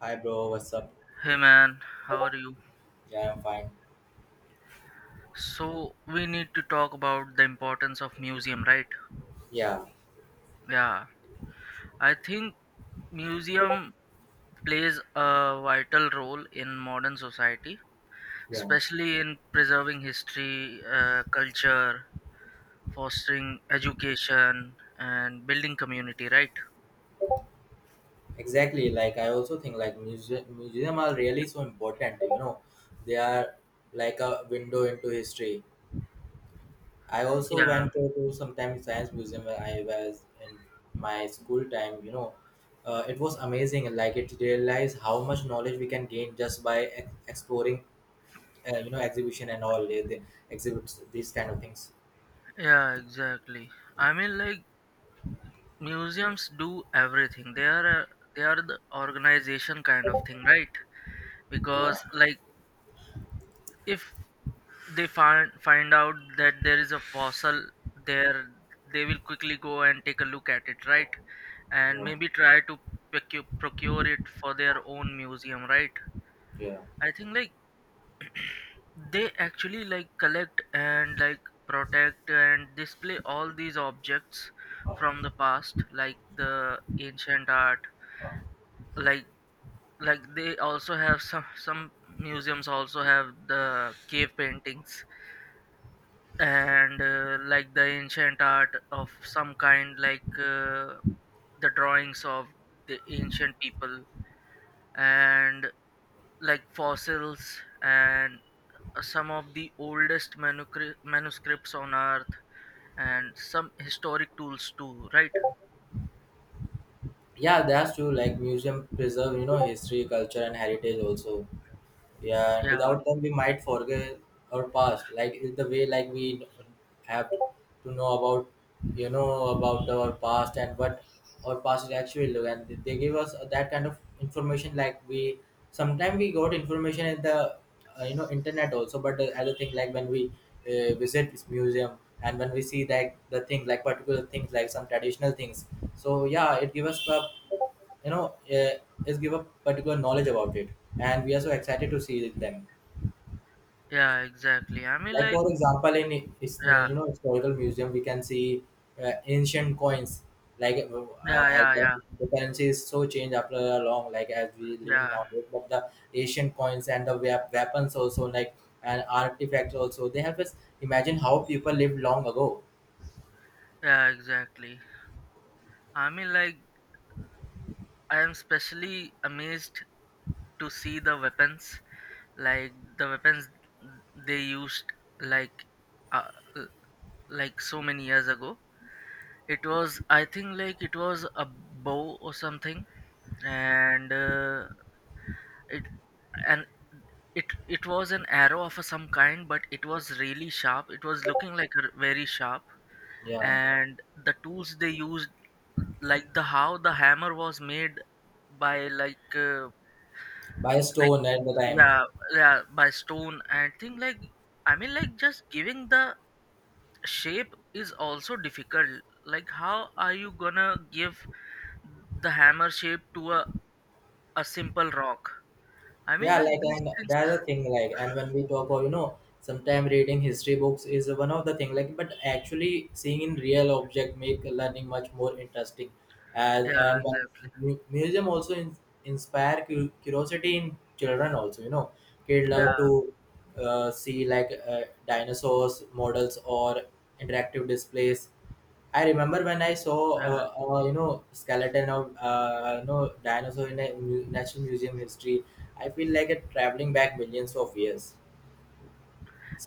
Hi bro, what's up? Hey man, how are you? Yeah, I'm fine. So we need to talk about the importance of museum, right? Yeah, Yeah, I think museum plays a vital role in modern society, Yeah, especially in preserving history, culture, fostering education, and building community, right? exactly. Like I also think like museum are really so important. They are like a window into history. I also Yeah, went to sometimes science museum when I was in my school time. It was amazing. Like it realized how much knowledge we can gain just by exploring, exhibition and all the exhibits, these kind of things. yeah, exactly. I mean, like museums do everything. They are the organization kind of thing, right? Yeah, Because like if they find out that there is a fossil there, they will quickly go and take a look at it, right? And yeah. maybe try to procure it for their own museum, right? yeah. I think like they actually like collect and like protect and display all these objects from the past, like the ancient art. like like they also have some museums also have the cave paintings and like the ancient art of some kind, like the drawings of the ancient people, and like fossils, and some of the oldest manuscripts on earth, and some historic tools too, right? Yeah, that's true. Like museum preserve, you know, history, culture, and heritage also. Yeah, and Yeah, without them, we might forget our past. Like it's the way like we have to know about, you know, about our past and what our past is actually look. And they give us that kind of information. Like we sometimes we got information in the, internet also. But the other thing like when we visit this museum and when we see like the things like particular things like some traditional things. So yeah, it gives us a you know uh, is give a particular knowledge about it, and we are so excited to see them. yeah, exactly. I mean, Like like, for example in yeah, you know, historical museum we can see ancient coins, like yeah, as yeah, yeah, the currency is so changed after a long like as we living yeah, now. But the ancient coins and the weapons also, like, and artifacts also, they help us imagine how people lived long ago. yeah, exactly. I mean, like I am specially amazed to see the weapons, like the weapons they used, like uh, l- like so many years ago. It was, I think, like it was a bow or something, and it and it was an arrow of some kind, but it was really sharp. It was looking like very sharp. Yeah, And the tools they used, like the how the hammer was made by like by like, stone at the time. yeah, yeah, by stone and thing. Like I mean, like just giving the shape is also difficult. Like how are you gonna give the hammer shape to a simple rock? I mean, Yeah, like like these and that's things, the other thing, like, and when we talk about, you know, sometime reading history books is one of the thing, like, but actually seeing in real object make learning much more interesting. As yeah, and when exactly, museum also inspire curiosity in children also, you know, kid love yeah, to see like dinosaurs models or interactive displays. I remember when I saw yeah, skeleton of dinosaur in a National Museum history. I feel like it traveling back millions of years.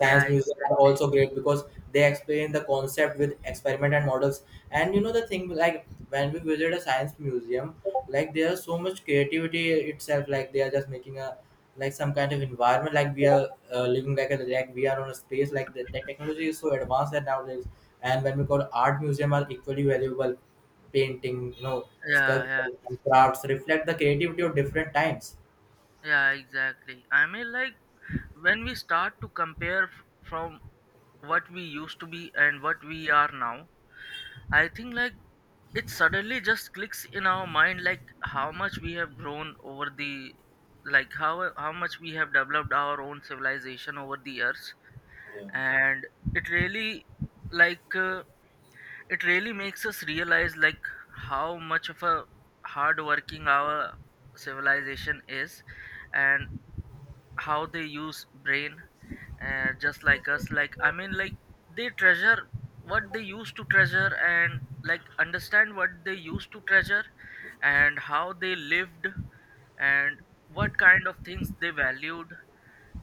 yeah, museum are exactly, also great because they explain the concept with experiment and models. And you know the thing like when we visit a science museum, like there's so much creativity itself, like they are just making a like some kind of environment like we are living like a like we are on a space like the technology is so advanced that nowadays. And when we go to art museum are equally valuable, painting, you know, yeah, yeah, sculpture and crafts reflect the creativity of different times. yeah, exactly. I mean, like when we start to compare from what we used to be and what we are now, I think like it suddenly just clicks in our mind, like how much we have grown over the, like how much we have developed our own civilization over the years. Yeah, And it really like it really makes us realize, like how much of a hard working our civilization is, and how they use brain, just like us. Like I mean, like they treasure what they used to treasure and like understand what they used to treasure, and how they lived, and what kind of things they valued,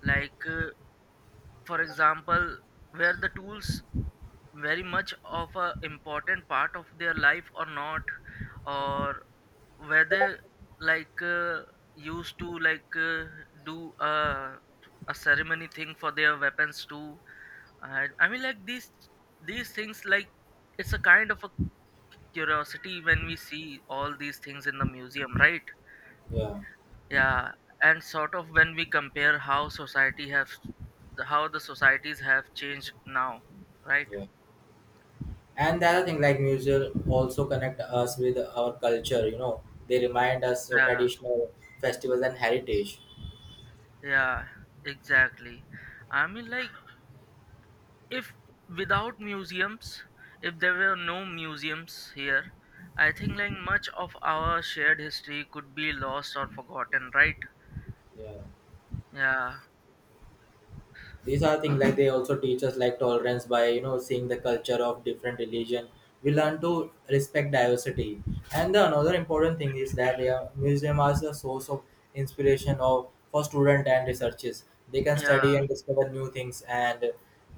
like for example, were the tools very much of a important part of their life or not, or were they like used to like do a ceremony thing for their weapons too? I mean, like these things, like it's a kind of a curiosity when we see all these things in the museum, right? yeah, Yeah, and sort of when we compare how the societies have changed now, right? yeah. And the other thing like museum also connect us with our culture, you know, they remind us Yeah, traditional festivals and heritage. yeah, exactly. I mean, like if without museums, if there were no museums here, I think like much of our shared history could be lost or forgotten, right? Yeah, Yeah, these are things like they also teach us like tolerance by, you know, seeing the culture of different religion, we learn to respect diversity. And the another important thing is that, yeah, museum is a source of inspiration of for student and researchers. They can yeah, study and discover new things, and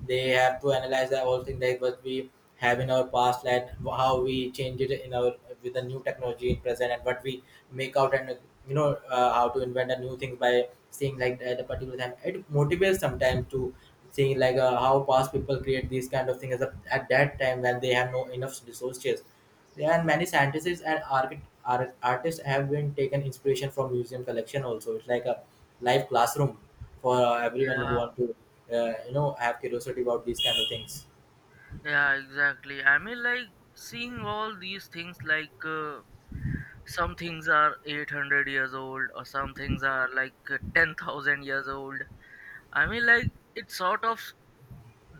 they have to analyze the whole thing, that what we have in our past and how we change it in our with the new technology in present and what we make out. And you know how to invent a new thing by seeing like at a particular time, it motivates sometimes to seeing like how past people create these kind of things as a, at that time when they have no enough resources. There are many scientists and artists have been taken inspiration from museum collection also. It's like a live classroom for everyone who yeah, want to, have curiosity about these kind of things. yeah, exactly. I mean, like seeing all these things, like some things are 800 years old, or some things are like 10,000 years old. I mean, like it sort of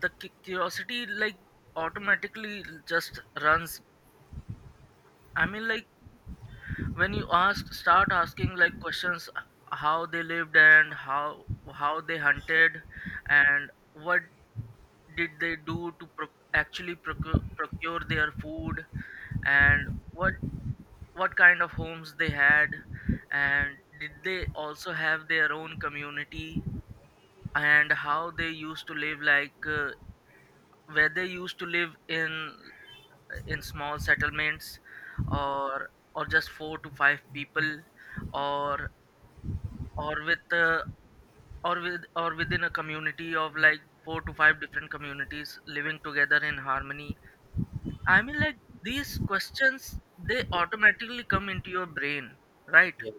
the curiosity, like, automatically just runs. I mean, like when you start asking, like, questions, how they lived, and how they hunted, and what did they do to actually procure their food, and what what kind of homes they had, and did they also have their own community, and how they used to live, like where they used to live in small settlements, or or just 4 to 5 people, or or with or with or within a community of like 4 to 5 different communities living together in harmony. I mean, like these questions, they automatically come into your brain, right? Yeah.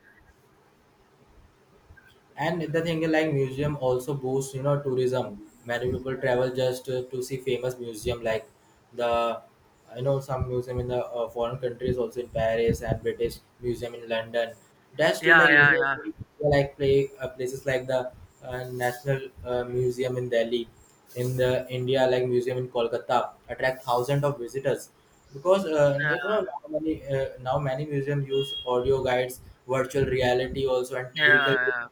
And the thing is, like museum also boosts, you know, tourism. Many people travel just to see famous museum like the, you know, some museum in the foreign countries also in Paris, and British Museum in London. That's to Yeah, like yeah, India, yeah, like play places like the national museum in Delhi, in the India, like museum in Kolkata attract thousands of visitors. Because yeah, now many now many museums use audio guides, virtual reality also and digital yeah,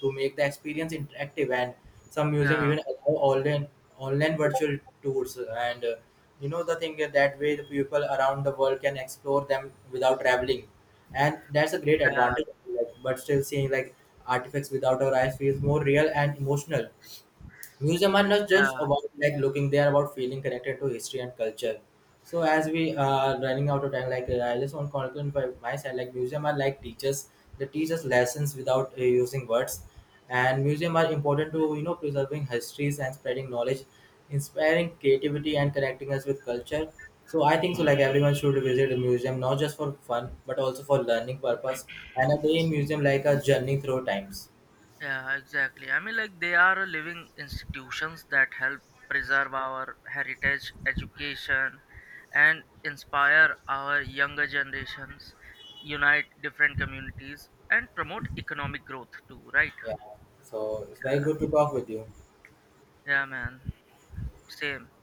to make the experience interactive. And some museum yeah, even allow online virtual tours. And the thing is that way the people around the world can explore them without traveling, and that's a great yeah, yeah, advantage. Like, but still seeing like artifacts without our eyes feels more real and emotional. Museum are not just yeah, about like looking; they are about feeling connected to history and culture. So as we are running out of time, like I just want to conclude by my side, like museum are like teachers. They teach us lessons without using words, and museum are important to, you know, preserving histories and spreading knowledge, inspiring creativity and connecting us with culture. So I think so. Like everyone should visit a museum, not just for fun, but also for learning purpose. And a day in museum like a journey through times. yeah, exactly. I mean, like they are a living institutions that help preserve our heritage, education, and inspire our younger generations, unite different communities, and promote economic growth too, right? Yeah. So it's very good to talk with you. Yeah, man, same.